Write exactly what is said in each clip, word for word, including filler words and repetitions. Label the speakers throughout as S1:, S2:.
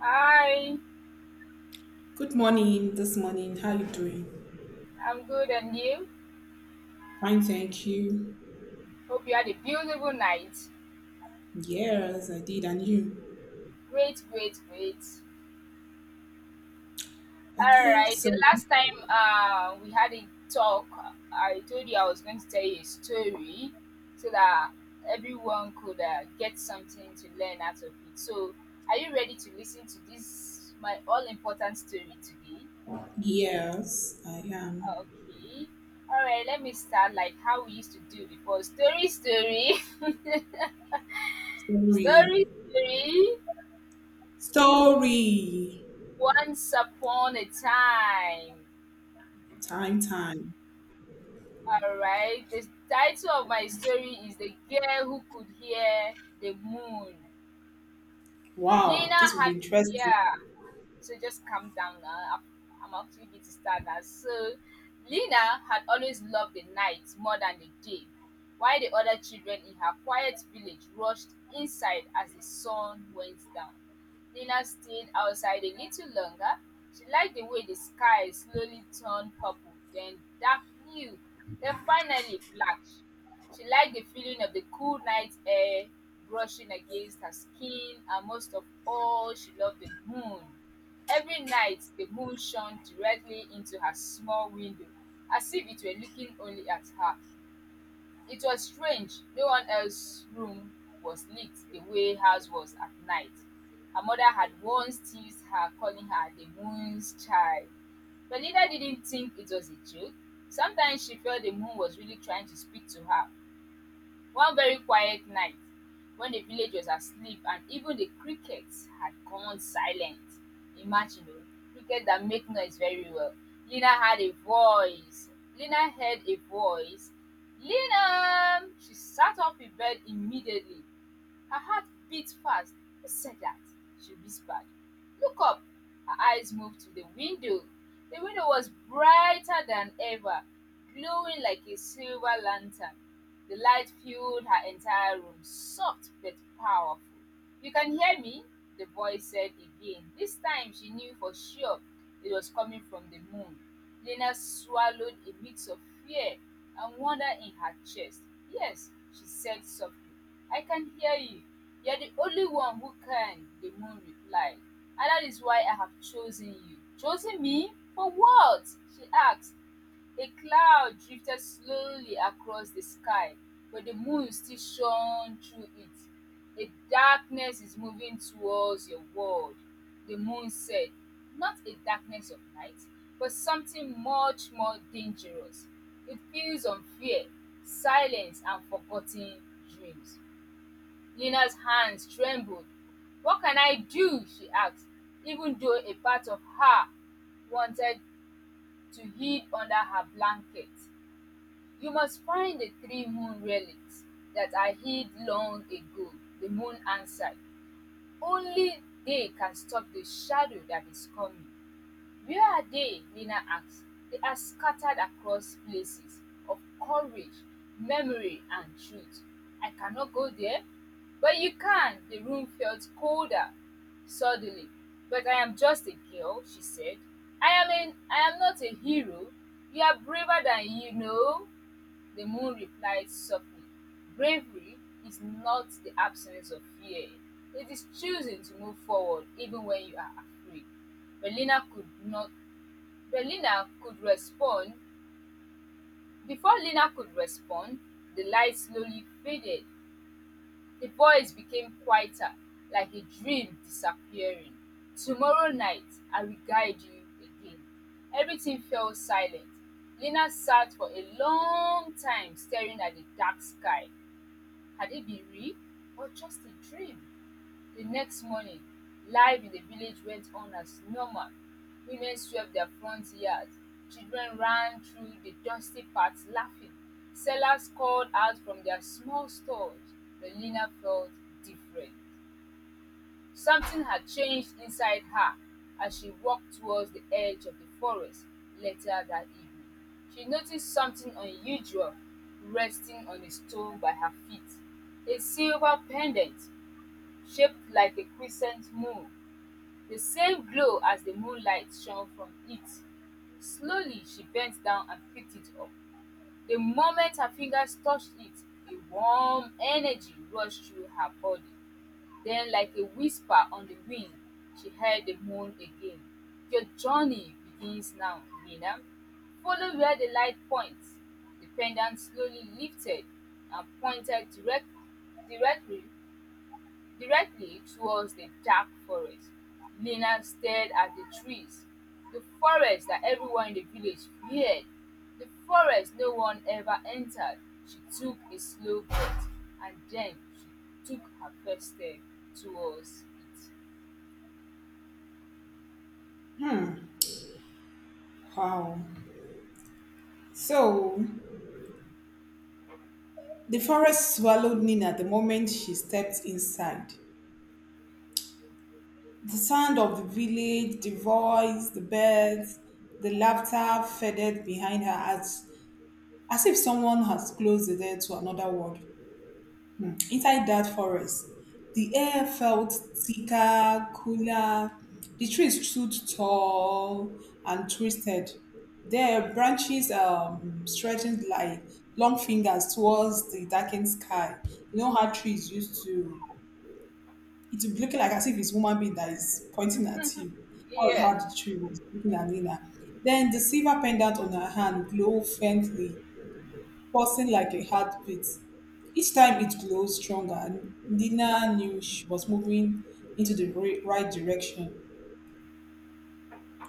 S1: Hi,
S2: Good morning this morning. How you doing?
S1: I'm good and you?
S2: Fine, thank you.
S1: Hope you had a beautiful night.
S2: Yes, I did. And you?
S1: Great, great, great. All
S2: Okay,
S1: right, the
S2: so
S1: last time uh, we had a talk, I told you I was going to tell you a story so that everyone could uh, get something to learn out of it. So, are you ready to listen to this, my all important story today?
S2: yes, I am.
S1: Okay. All right, let me start like how we used to do before. Story, story.
S2: Story.
S1: Story, story.
S2: Story.
S1: Once upon a time.
S2: Time, time.
S1: All right. The title of my story is The Girl Who Could Hear the Moon.
S2: Wow,
S1: Lena
S2: this will
S1: had,
S2: be interesting.
S1: yeah. So just calm down now. I'm, I'm actually going to start now. So Lena had always loved the night more than the day, while the other children in her quiet village rushed inside as the sun went down. Lena stayed outside a little longer. She liked the way the sky slowly turned purple, then dark blue, then finally black. She liked the feeling of the cool night air brushing against her skin, and most of all, she loved the moon. Every night the moon shone directly into her small window, as if it were looking only at her. It was strange, no one else's room was lit the way hers was at night. Her mother had once teased her, calling her the moon's child. But Linda didn't think it was a joke. Sometimes she felt the moon was really trying to speak to her. One very quiet night, when the village was asleep and even the crickets had gone silent. Imagine, oh, crickets that make noise very well. Lina had a voice. Lina heard a voice. Lina! She sat up in bed immediately. Her heart beat fast. Who said that? She whispered. Look up. Her eyes moved to the window. The window was brighter than ever, glowing like a silver lantern. The light filled her entire room, soft but powerful. You can hear me? The voice said again. This time she knew for sure it was coming from the moon. Lena swallowed a mix of fear and wonder in her chest. Yes, she said softly. I can hear you. You're the only one who can, the moon replied. And that is why I have chosen you. Chosen me? For what? She asked. A cloud drifted slowly across the sky, but the moon still shone through it. A darkness is moving towards your world, the moon said. Not a darkness of night, but something much more dangerous. It feeds on fear, silence, and forgotten dreams. Nina's hands trembled. “What can I do?” she asked, even though a part of her wanted to hide under her blanket. “You must find the three moon relics that I hid long ago,” the moon answered. “Only they can stop the shadow that is coming.” Where are they? Nina asked. They are scattered across places of courage, memory, and truth. I cannot go there. But you can. The room felt colder suddenly. But I am just a girl, she said. I am, an. I am not a hero. You are braver than you know. The moon replied softly, bravery is not the absence of fear. It is choosing to move forward even when you are afraid. But Lina could not but Lina could respond. Before Lina could respond, the light slowly faded. The voice became quieter, like a dream disappearing. Tomorrow night I will guide you again. Everything fell silent. Lina sat for a long time staring at the dark sky. Had it been real or just a dream? The next morning, life in the village went on as normal. Women swept their front yards, children ran through the dusty paths laughing, sellers called out from their small stores. But Lina felt different. Something had changed inside her as she walked towards the edge of the forest later that evening. She noticed something unusual resting on a stone by her feet, a silver pendant shaped like a crescent moon, the same glow as the moonlight shone from it. Slowly, she bent down and picked it up. The moment her fingers touched it, a warm energy rushed through her body. Then, like a whisper on the wind, she heard the moan again. Your journey begins now, Nina. Follow where the light points. The pendant slowly lifted and pointed direct, directly directly towards the dark forest. Lena stared at the trees, the forest that everyone in the village feared, the forest no one ever entered. She took a slow breath and then she took her first step towards it.
S2: Hmm. Wow. So the forest swallowed Nina the moment she stepped inside. The sound of the village, the voice, the birds, the laughter faded behind her as as if someone has closed the door to another world. Inside that forest, the air felt thicker, cooler. The trees stood tall and twisted. Their branches um, stretching like long fingers towards the darkened sky. You know how trees used to, it would be looking like as if it's human being that is pointing at you. That was how
S1: Yeah.
S2: the tree was looking at Nina. Then the silver pendant on her hand glowed faintly, pulsing like a heartbeat. Each time it glowed stronger, and Nina knew she was moving into the ri- right direction,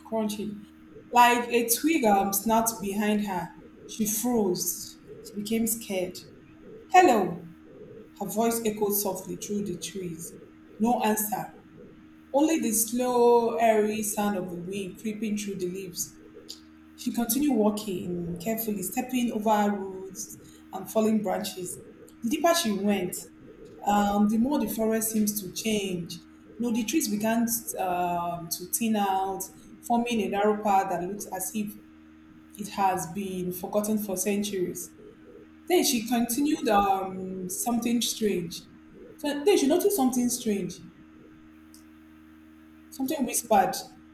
S2: crunching. Like a twig um, snapped behind her. She froze. She became scared. Hello! Her voice echoed softly through the trees. No answer. Only the slow, airy sound of the wind creeping through the leaves. She continued walking carefully, stepping over roots and falling branches. The deeper she went, um, the more the forest seems to change. No, the trees began um, to thin out, forming a narrow path that looks as if it has been forgotten for centuries. Then she continued um, something strange. So then she noticed something strange, something whispered,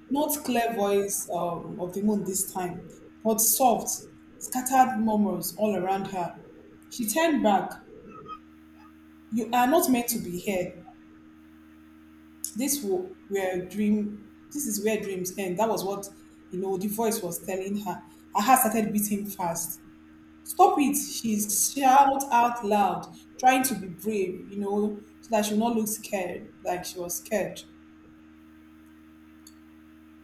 S2: not clear voice um, of the moon this time, but soft, scattered murmurs all around her. She turned back. You are not meant to be here. This wo- were dream this is where dreams end. That was what, you know, the voice was telling her. Her heart started beating fast. Stop it, she shouted out loud, trying to be brave, you know, so that she would not look scared, like she was scared.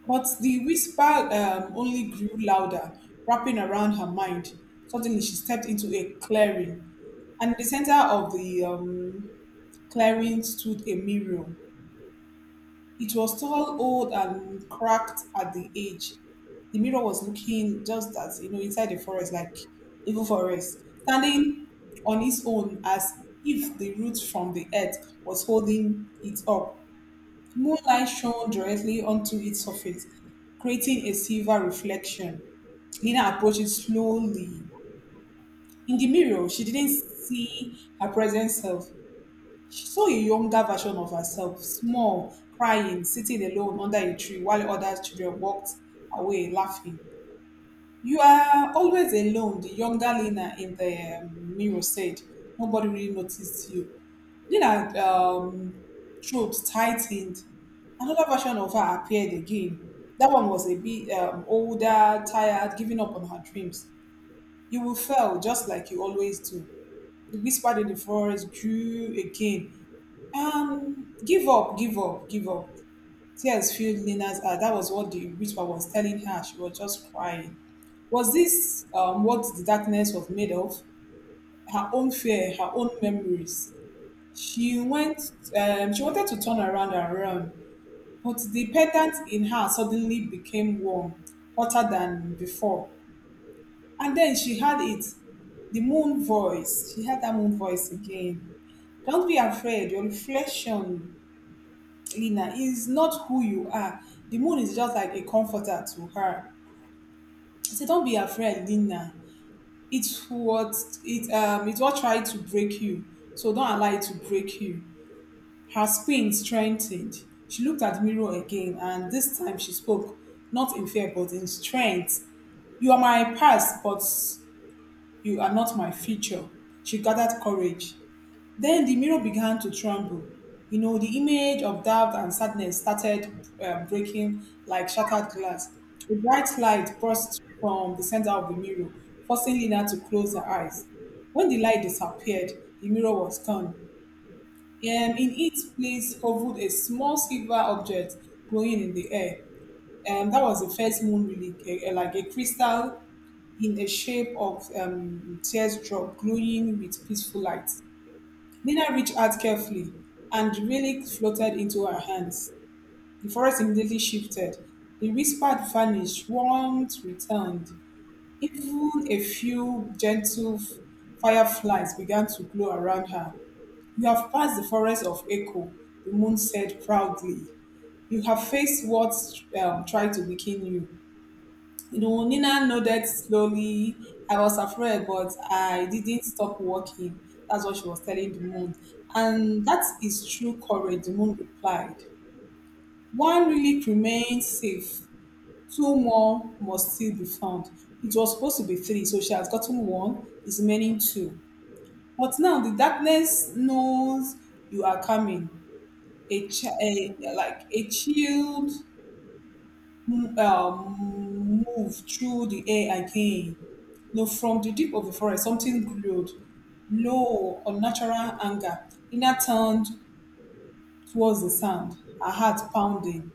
S2: But the whisper um, only grew louder, wrapping around her mind. Suddenly she stepped into a clearing, and in the center of the um, clearing stood a mirror. It was tall, old, and cracked at the edge. The mirror was looking just as, you know, inside the forest, like evil forest, standing on its own as if the root from the earth was holding it up. Moonlight shone directly onto its surface, creating a silver reflection. Lina approached it slowly. In the mirror, she didn't see her present self. She saw a younger version of herself, small, crying, sitting alone under a tree while other children walked away laughing. You are always alone, the younger Lena in the um, mirror said. Nobody really noticed you. Lena, um, throat tightened. Another version of her appeared again. That one was a bit um, older, tired, giving up on her dreams. You will fail just like you always do. The whisper in the forest grew again, um, give up, give up, give up. Tears filled Lena's eyes. That was what the whisper was telling her. She was just crying. Was this um, what the darkness was made of? Her own fear, her own memories. She went. Um, she wanted to turn around and run, but the pendant in her suddenly became warm, hotter than before. And then she had it. The moon voice. She had that moon voice again. Don't be afraid. Your reflection cleaner is not who you are. The moon is just like a comforter to her. I said, don't be afraid, Lina. It's what it um it's what tried to break you. So don't allow it to break you. Her spine strengthened. She looked at the mirror again, and this time she spoke, not in fear but in strength. You are my past, but you are not my future. She gathered courage. Then the mirror began to tremble. You know, the image of doubt and sadness started uh, breaking like shattered glass. A bright light burst from the center of the mirror, forcing Lina to close her eyes. When the light disappeared, the mirror was gone. Um, in its place hovered a small silver object glowing in the air. And that was the first moon relic, a, a- like a crystal in the shape of um, teardrop, glowing with peaceful light. Nina reached out carefully, and the relic floated into her hands. The forest immediately shifted. The whisper vanished, warmth returned. Even a few gentle f- fireflies began to glow around her. You have passed the forest of echo, the moon said proudly. You have faced what um, tried to weaken you. You know, Nina nodded slowly. I was afraid, but I didn't stop walking. That's what she was telling the moon. And that is true courage, the moon replied. One relic remains safe. Two more must still be found. It was supposed to be three, so she has gotten one, is remaining two. But now the darkness knows you are coming. A, chi- a like a chilled m- um, move through the air again. No, from the deep of the forest, something glowed, low, unnatural anger. Ina turned towards the sound, her heart pounding.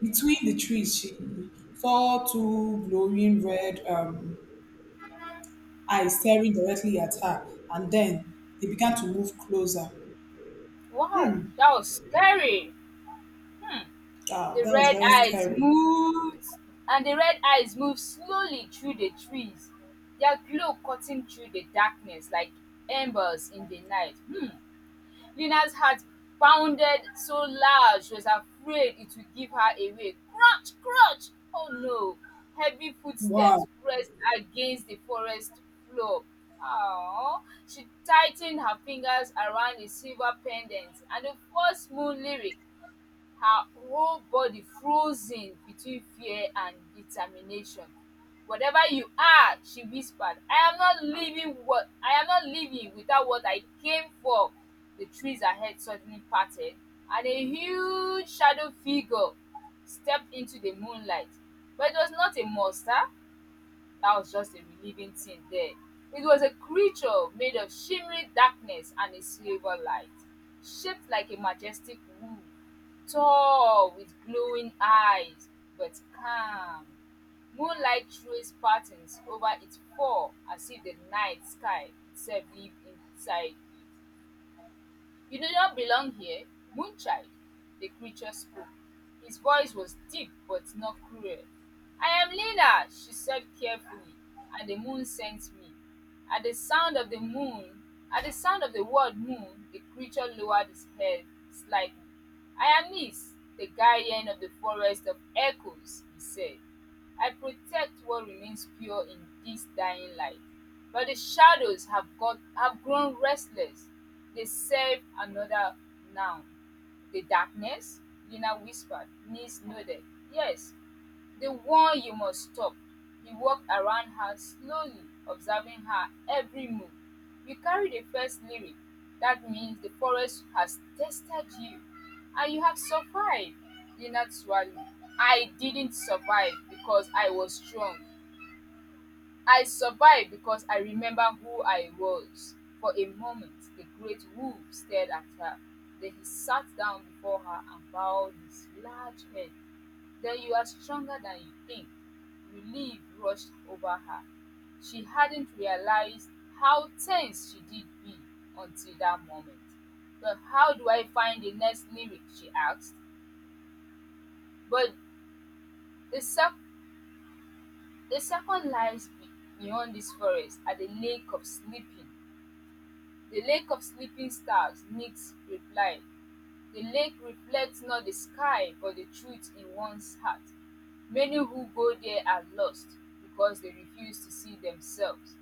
S2: Between the trees, she saw two glowing red um, eyes staring directly at her, and then they began to move closer.
S1: Wow, that was scary.
S2: Ah,
S1: The
S2: that was
S1: red
S2: very
S1: eyes
S2: scary.
S1: moved, and the red eyes moved slowly through the trees, their glow cutting through the darkness like embers in the night. Hmm. Lina's heart pounded so loud she was afraid it would give her away. Crunch, crunch! Oh no! Heavy footsteps
S2: Wow.
S1: pressed against the forest floor. Aww. She tightened her fingers around a silver pendant and the first moon lyric, her whole body frozen between fear and determination. Whatever you are, she whispered, I am not leaving what I am not leaving without what I came for. The trees ahead suddenly parted, and a huge shadow figure stepped into the moonlight. But it was not a monster, that was just a relieving thing there. It was a creature made of shimmering darkness and a silver light, shaped like a majestic wolf, tall with glowing eyes, but calm. Moonlight traced patterns over its paw as if the night sky itself lived inside it. You do not belong here, Moonchild, the creature spoke. His voice was deep but not cruel. I am Lila, she said carefully, and the moon sent me. At the sound of the moon, at the sound of the word moon, the creature lowered his head slightly. I am Nis, the guardian of the forest of echoes, he said. I protect what remains pure in this dying light. But the shadows have got have grown restless. They serve another noun. The darkness? Lina whispered, knees nodded. Yes, the one you must stop. He walked around her slowly, observing her every move. You carry the first lyric. That means the forest has tested you. And you have survived. Lina swallowed. I didn't survive because I was strong. I survived because I remember who I was. For a moment, the great wolf stared at her. Then he sat down before her and bowed his large head. Then you are stronger than you think. Relief rushed over her. She hadn't realized how tense she did be until that moment. But how do I find the next lyric? She asked. But the, sec- the second lies be- beyond this forest at the lake of sleeping. The Lake of Sleeping Stars, Niks replied, "The lake reflects not the sky but the truth in one's heart, many who go there are lost because they refuse to see themselves."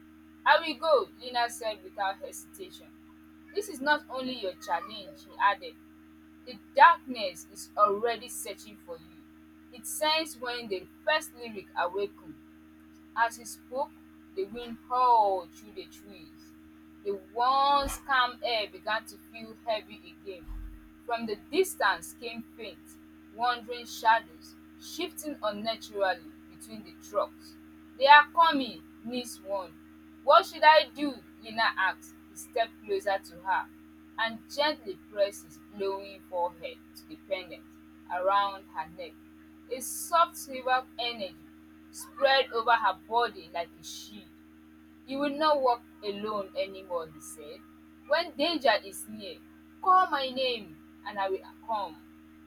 S1: “I will go,” Lena said without hesitation. “This is not only your challenge,” he added, “the darkness is already searching for you,” it sensed when the first lyric awakens. As he spoke, the wind howled through the trees. The once calm air began to feel heavy again. From the distance came faint, wandering shadows, shifting unnaturally between the trucks. They are coming, Nis warned. What should I do? Lina asked. He stepped closer to her and gently pressed his glowing forehead to the pendant around her neck. A soft silver energy spread over her body like a shield. You will not walk alone anymore, he said. When danger is near, call my name and I will come.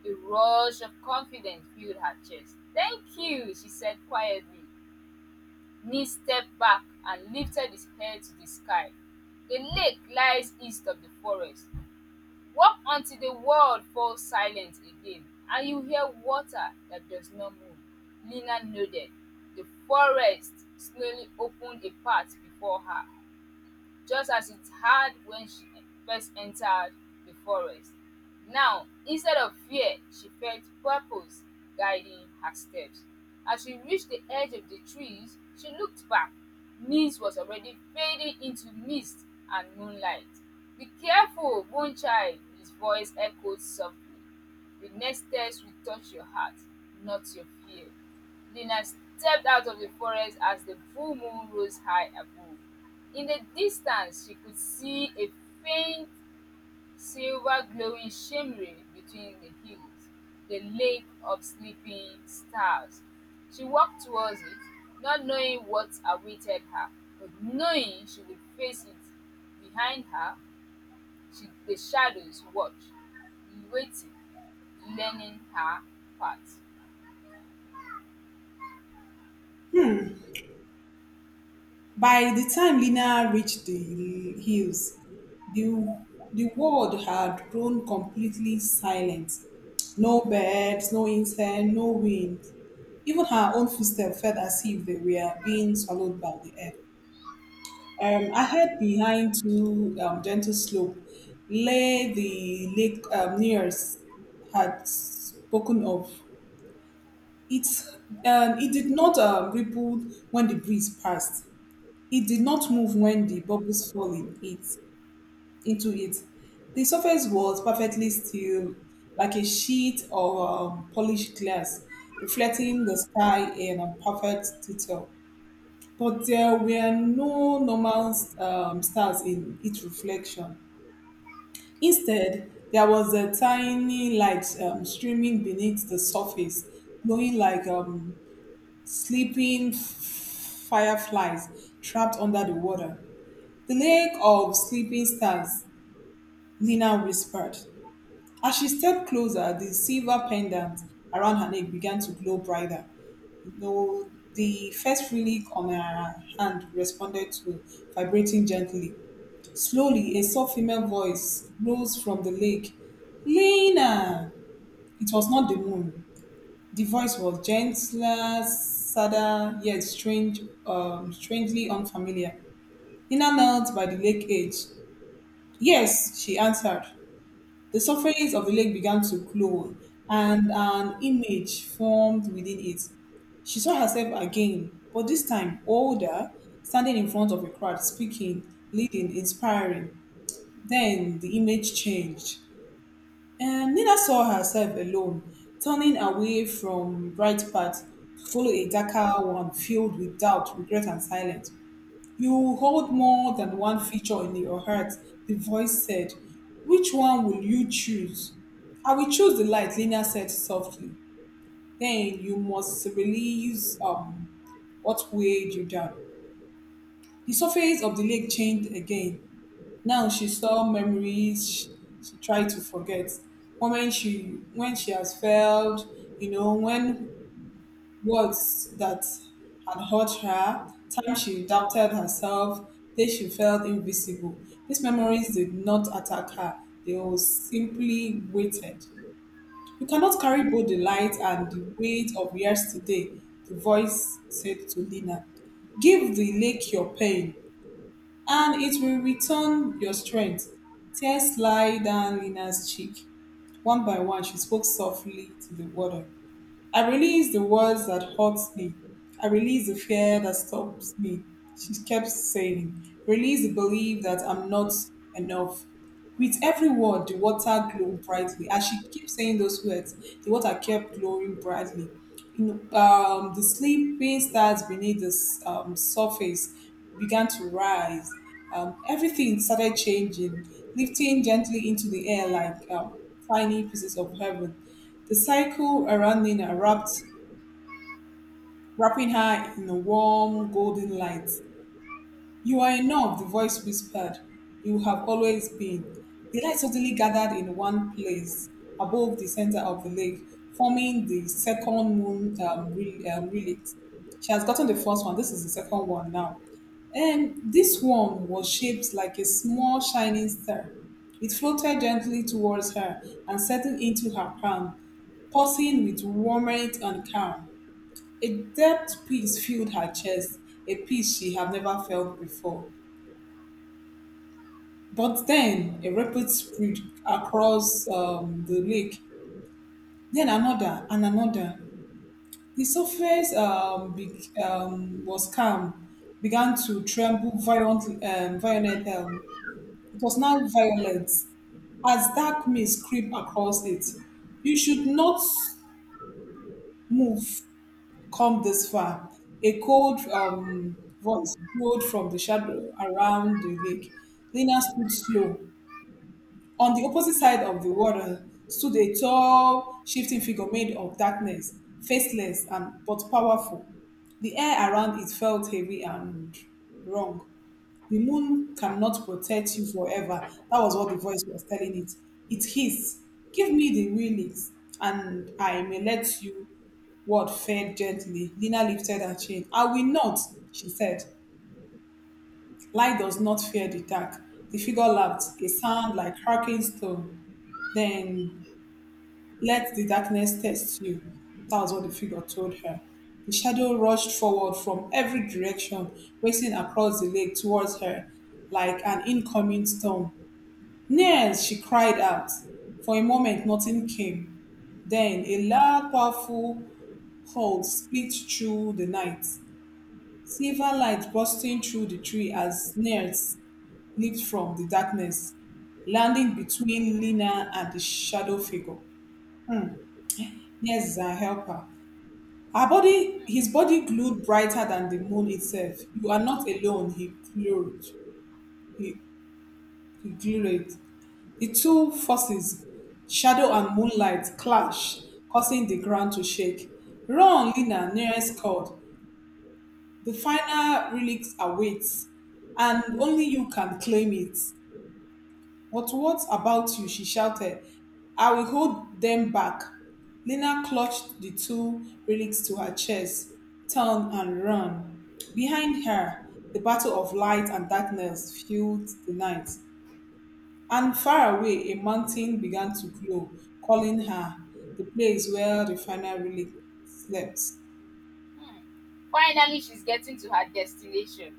S1: A rush of confidence filled her chest. Thank you, she said quietly. Knee stepped back and lifted his head to the sky. The lake lies east of the forest. Walk until the world falls silent again and you hear water that does not move," Lena nodded. The forest slowly opened a path before her, just as it had when she first entered the forest. Now, instead of fear, she felt purpose guiding her steps. As she reached the edge of the trees, she looked back. Nice was already fading into mist and moonlight. Be careful, moonchild, his voice echoed softly. The next steps will touch your heart, not your fear. Lena stepped out of the forest as the full moon rose high above. In the distance, she could see a faint silver glowing shimmering between the hills, the lake of sleeping stars. She walked towards it, not knowing what awaited her, but knowing she would face it. Behind her she the shadows watch, waiting, learning her part.
S2: By the time Lena reached the hills, the, the world had grown completely silent. No birds, no insect, no wind. Even her own footsteps felt as if they were being swallowed by the air. Um, ahead, behind two um, gentle slope, lay the lake um, nearest had spoken of. It, um, it did not um, ripple when the breeze passed. It did not move when the bubbles fell in it, into it. The surface was perfectly still, like a sheet of um, polished glass, reflecting the sky in a perfect detail. But there were no normal um, stars in its reflection. Instead, there was a tiny light um, streaming beneath the surface, glowing like um, sleeping f- fireflies trapped under the water. "The Lake of Sleeping Stars," Lena whispered. As she stepped closer, the silver pendant around her neck began to glow brighter. You know, the first relic on her hand responded to, vibrating gently. Slowly, a soft female voice rose from the lake. Lena! It was not the moon. The voice was gentler, sadder, yet strange, um, strangely unfamiliar. Lena knelt by the lake edge. Yes, she answered. The surface of the lake began to glow, and an image formed within it. She saw herself again, but this time older, standing in front of a crowd, speaking, leading, inspiring. Then the image changed. And Nina saw herself alone, turning away from bright path to follow a darker one filled with doubt, regret, and silence. You hold more than one feature in your heart, the voice said. Which one will you choose? I will choose the light, Lena said softly. Then you must release um, what weighed you down. The surface of the lake changed again. Now she saw memories she tried to forget. Moments she when she has failed, you know, when words that had hurt her, time she doubted herself, days she felt invisible. These memories did not attack her, they were simply weighted. You cannot carry both the light and the weight of yesterday, the voice said to Lina. Give the lake your pain, and it will return your strength. Tears slide down Lina's cheek. One by one, she spoke softly to the water. I release the words that hurt me. I release the fear that stops me. She kept saying, release the belief that I'm not enough. With every word, the water glowed brightly. As she kept saying those words, the water kept glowing brightly. You know, um, the sleeping stars beneath the s- um, surface began to rise. Um, everything started changing, lifting gently into the air like um, tiny pieces of heaven. The cycle around Nina wrapped, wrapping her in a warm golden light. You are enough, the voice whispered. You have always been. The light suddenly gathered in one place above the center of the lake, forming the second moon um, re- um, relic. She has gotten the first one. This is the second one now. And this one was shaped like a small shining star. It floated gently towards her and settled into her palm, pulsing with warmth and calm. A depth peace filled her chest, a peace she had never felt before. But then a rapid spread across um, the lake, then another and another. The surface um, be- um, was calm, began to tremble violently. Um, violent, um, it was now violent as dark mist creep across it. You should not move. Come this far. A cold um, voice rolled from the shadow around the lake. Lena stood slow. On the opposite side of the water stood a tall, shifting figure made of darkness, faceless and but powerful. The air around it felt heavy and wrong. The moon cannot protect you forever. That was what the voice was telling it. It hissed, give me the wheelies, and I may let you. Word fell gently. Lina lifted her chin. I will not, she said. Light does not fear the dark. The figure laughed, a sound like cracking stone. Then let the darkness test you. That was what the figure told her. The shadow rushed forward from every direction, racing across the lake towards her like an incoming storm. Nurse, she cried out. For a moment, nothing came. Then a loud, powerful howl split through the night, silver light bursting through the tree as Nurse leaped from the darkness, landing between Lena and the shadow figure. Hmm. Yes, is our helper. Her body,
S1: Hmm.
S2: his body glowed brighter than the moon itself. You are not alone, he glowed. He, he glowed. The two forces, shadow and moonlight, clashed, causing the ground to shake. Run, Lina, nearest called. The final relic awaits, and only you can claim it. But what about you? She shouted. I will hold them back. Lena clutched the two relics to her chest, turned and ran. Behind her, the battle of light and darkness filled the night. And far away, a mountain began to glow, calling her the place where the final relic slept.
S1: Finally, she's getting to her destination.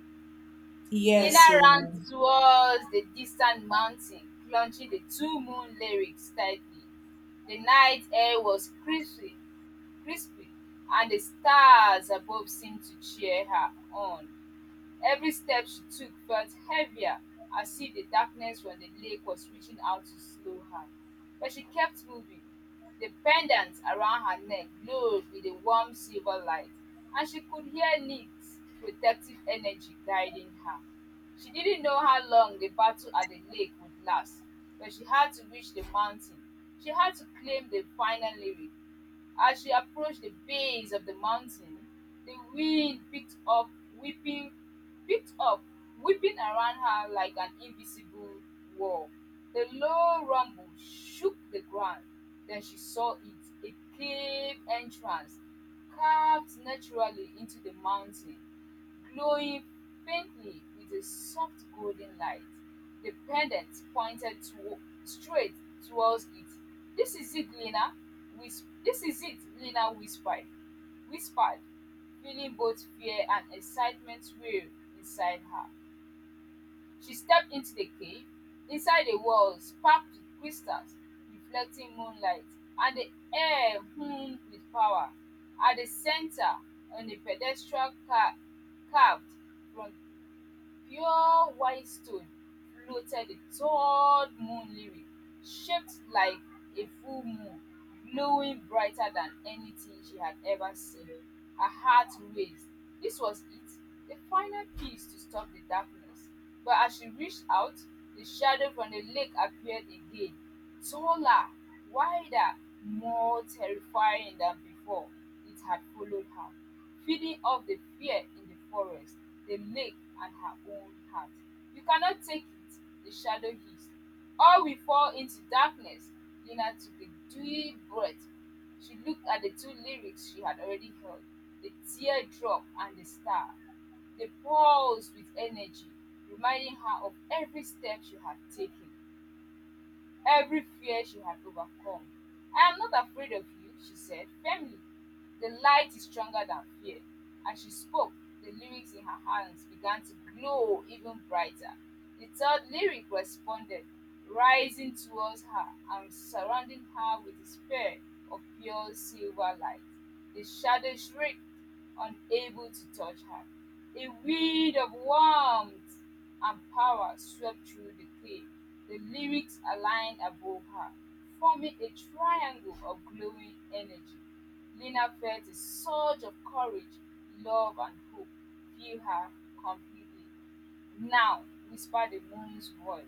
S1: Lena
S2: Yes,
S1: ran
S2: so
S1: towards the distant mountain, clutching the two moon lyrics tightly. The night air was crispy, crispy, and the stars above seemed to cheer her on. Every step she took felt heavier, as if the darkness from the lake was reaching out to slow her. But she kept moving. The pendant around her neck glowed with a warm silver light, and she could hear Nick's protective energy guiding her. She didn't know how long the battle at the lake would last, but she had to reach the mountain. She had to claim the final lyric. As she approached the base of the mountain, the wind picked up whipping picked up whipping around her like an invisible wall. The low rumble shook the ground. Then she saw it, a cave entrance carved naturally into the mountain, glowing faintly with a soft golden light. The pendant pointed to, straight towards it. This is it, Lena. Whis- this is it, Lena whispered. Whispered, feeling both fear and excitement swirl inside her. She stepped into the cave. Inside the walls, packed with crystals, reflecting moonlight, and the air hummed with power. At the center, on a pedestal ca- carved from pure white stone, floated a tall moon lily, shaped like a full moon, glowing brighter than anything she had ever seen. Her heart raced. This was it, the final piece to stop the darkness. But as she reached out, the shadow from the lake appeared again, taller, wider, more terrifying than before. It had followed her, feeding off the fear in the forest, the lake, and her own heart. You cannot take it, the shadow hissed. Or we fall into darkness. Lena took a deep breath. She looked at the two lyrics she had already heard, the teardrop and the star. They pulsed with energy, reminding her of every step she had taken, every fear she had overcome. I am not afraid of you, she said firmly. The light is stronger than fear. As she spoke, the lyrics in her hands began to glow even brighter. The third lyric responded, rising towards her and surrounding her with a sphere of pure silver light. The shadow shrieked, unable to touch her. A wind of warmth and power swept through the clay. The lyrics aligned above her, forming a triangle of glowing energy. Lina felt a surge of courage, love, and hope fill her completely. Now, whispered the moon's voice,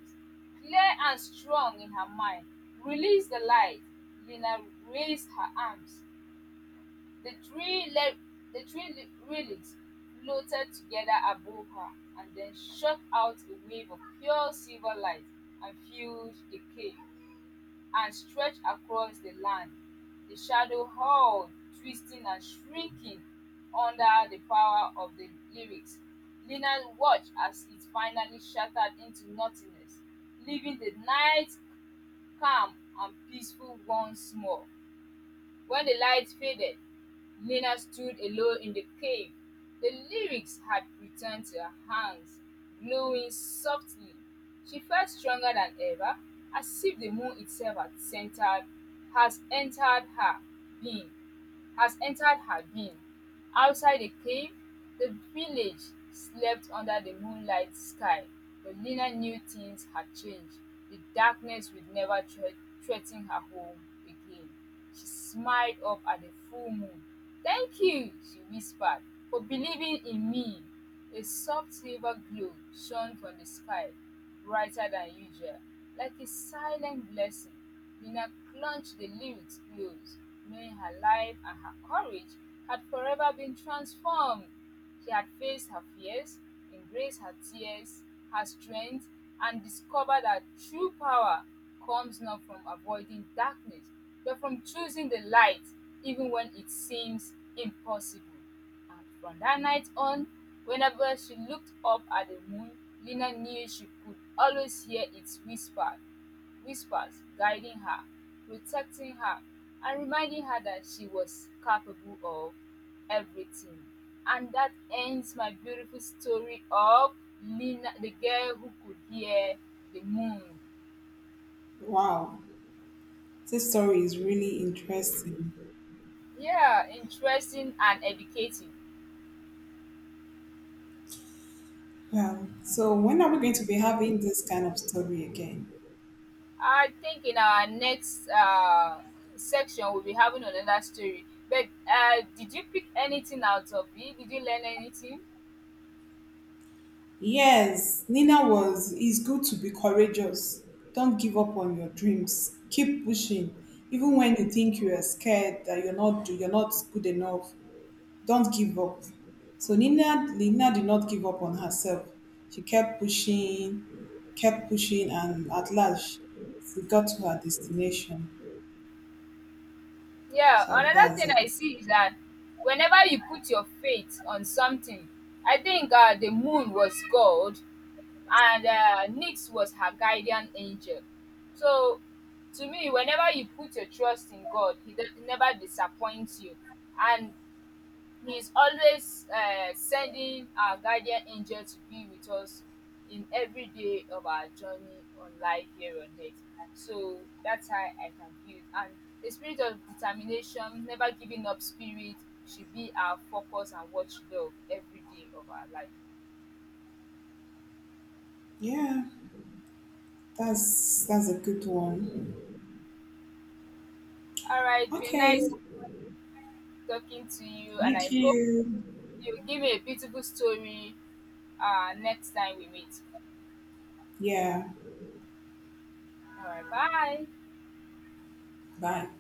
S1: clear and strong in her mind. Release the light. Lina raised her arms, the three le- the three re- relics floated together above her and then shot out a wave of pure silver light and filled the cave and stretched across the land. The shadow hurled, twisting and shrieking under the power of the lyrics. Lina watched as it finally shattered into nothingness, leaving the night calm and peaceful once more. When the lights faded, Nina stood alone in the cave. The lyrics had returned to her hands, glowing softly. She felt stronger than ever, as if the moon itself had centered, has entered her being has entered her being. Outside the cave, the village slept under the moonlit sky, but Lena knew things had changed. The darkness would never thre- threaten her home again. She smiled up at the full moon. Thank you, she whispered, for believing in me. A soft silver glow shone from the sky, brighter than usual, like a silent blessing. Nina clutched the lyrics close, knowing her life and her courage had forever been transformed. She had faced her fears, embraced her tears, her strength, and discovered that true power comes not from avoiding darkness, but from choosing the light even when it seems impossible. And from that night on, whenever she looked up at the moon, Lena knew she could always hear its whisper, whispers guiding her, protecting her, and reminding her that she was capable of everything. And that ends my beautiful story of Lena, the girl who could hear the moon.
S2: wow, this story is really interesting.
S1: Yeah, interesting and educative.
S2: Well, so when are we going to be having this kind of story again?
S1: I think in our next uh, section we'll be having another story. But uh, did you pick anything out of it? Did you learn anything?
S2: Yes, Nina was, it's good to be courageous. Don't give up on your dreams. Keep pushing. Even when you think you are scared that you're not you're not good enough, don't give up. So Nina Nina did not give up on herself. She kept pushing, kept pushing and at last she got to her destination.
S1: Yeah,
S2: So
S1: another
S2: that's
S1: thing
S2: a
S1: I see is that whenever you put your faith on something, I think uh, the moon was God and uh, Nyx was her guardian angel. So to me, whenever you put your trust in God, He does, never disappoints you. And He is always uh, sending our guardian angel to be with us in every day of our journey on life here on earth. So that's how I can feel it. And the spirit of determination, never giving up spirit, should be our focus and watchdog every day of our life.
S2: yeah, that's that's a good one.
S1: All right, it's been nice
S2: Okay.
S1: talking to you, and I
S2: Thank
S1: hope
S2: you.
S1: you give me a beautiful story uh, next time we meet.
S2: Yeah.
S1: All right, bye.
S2: Bye.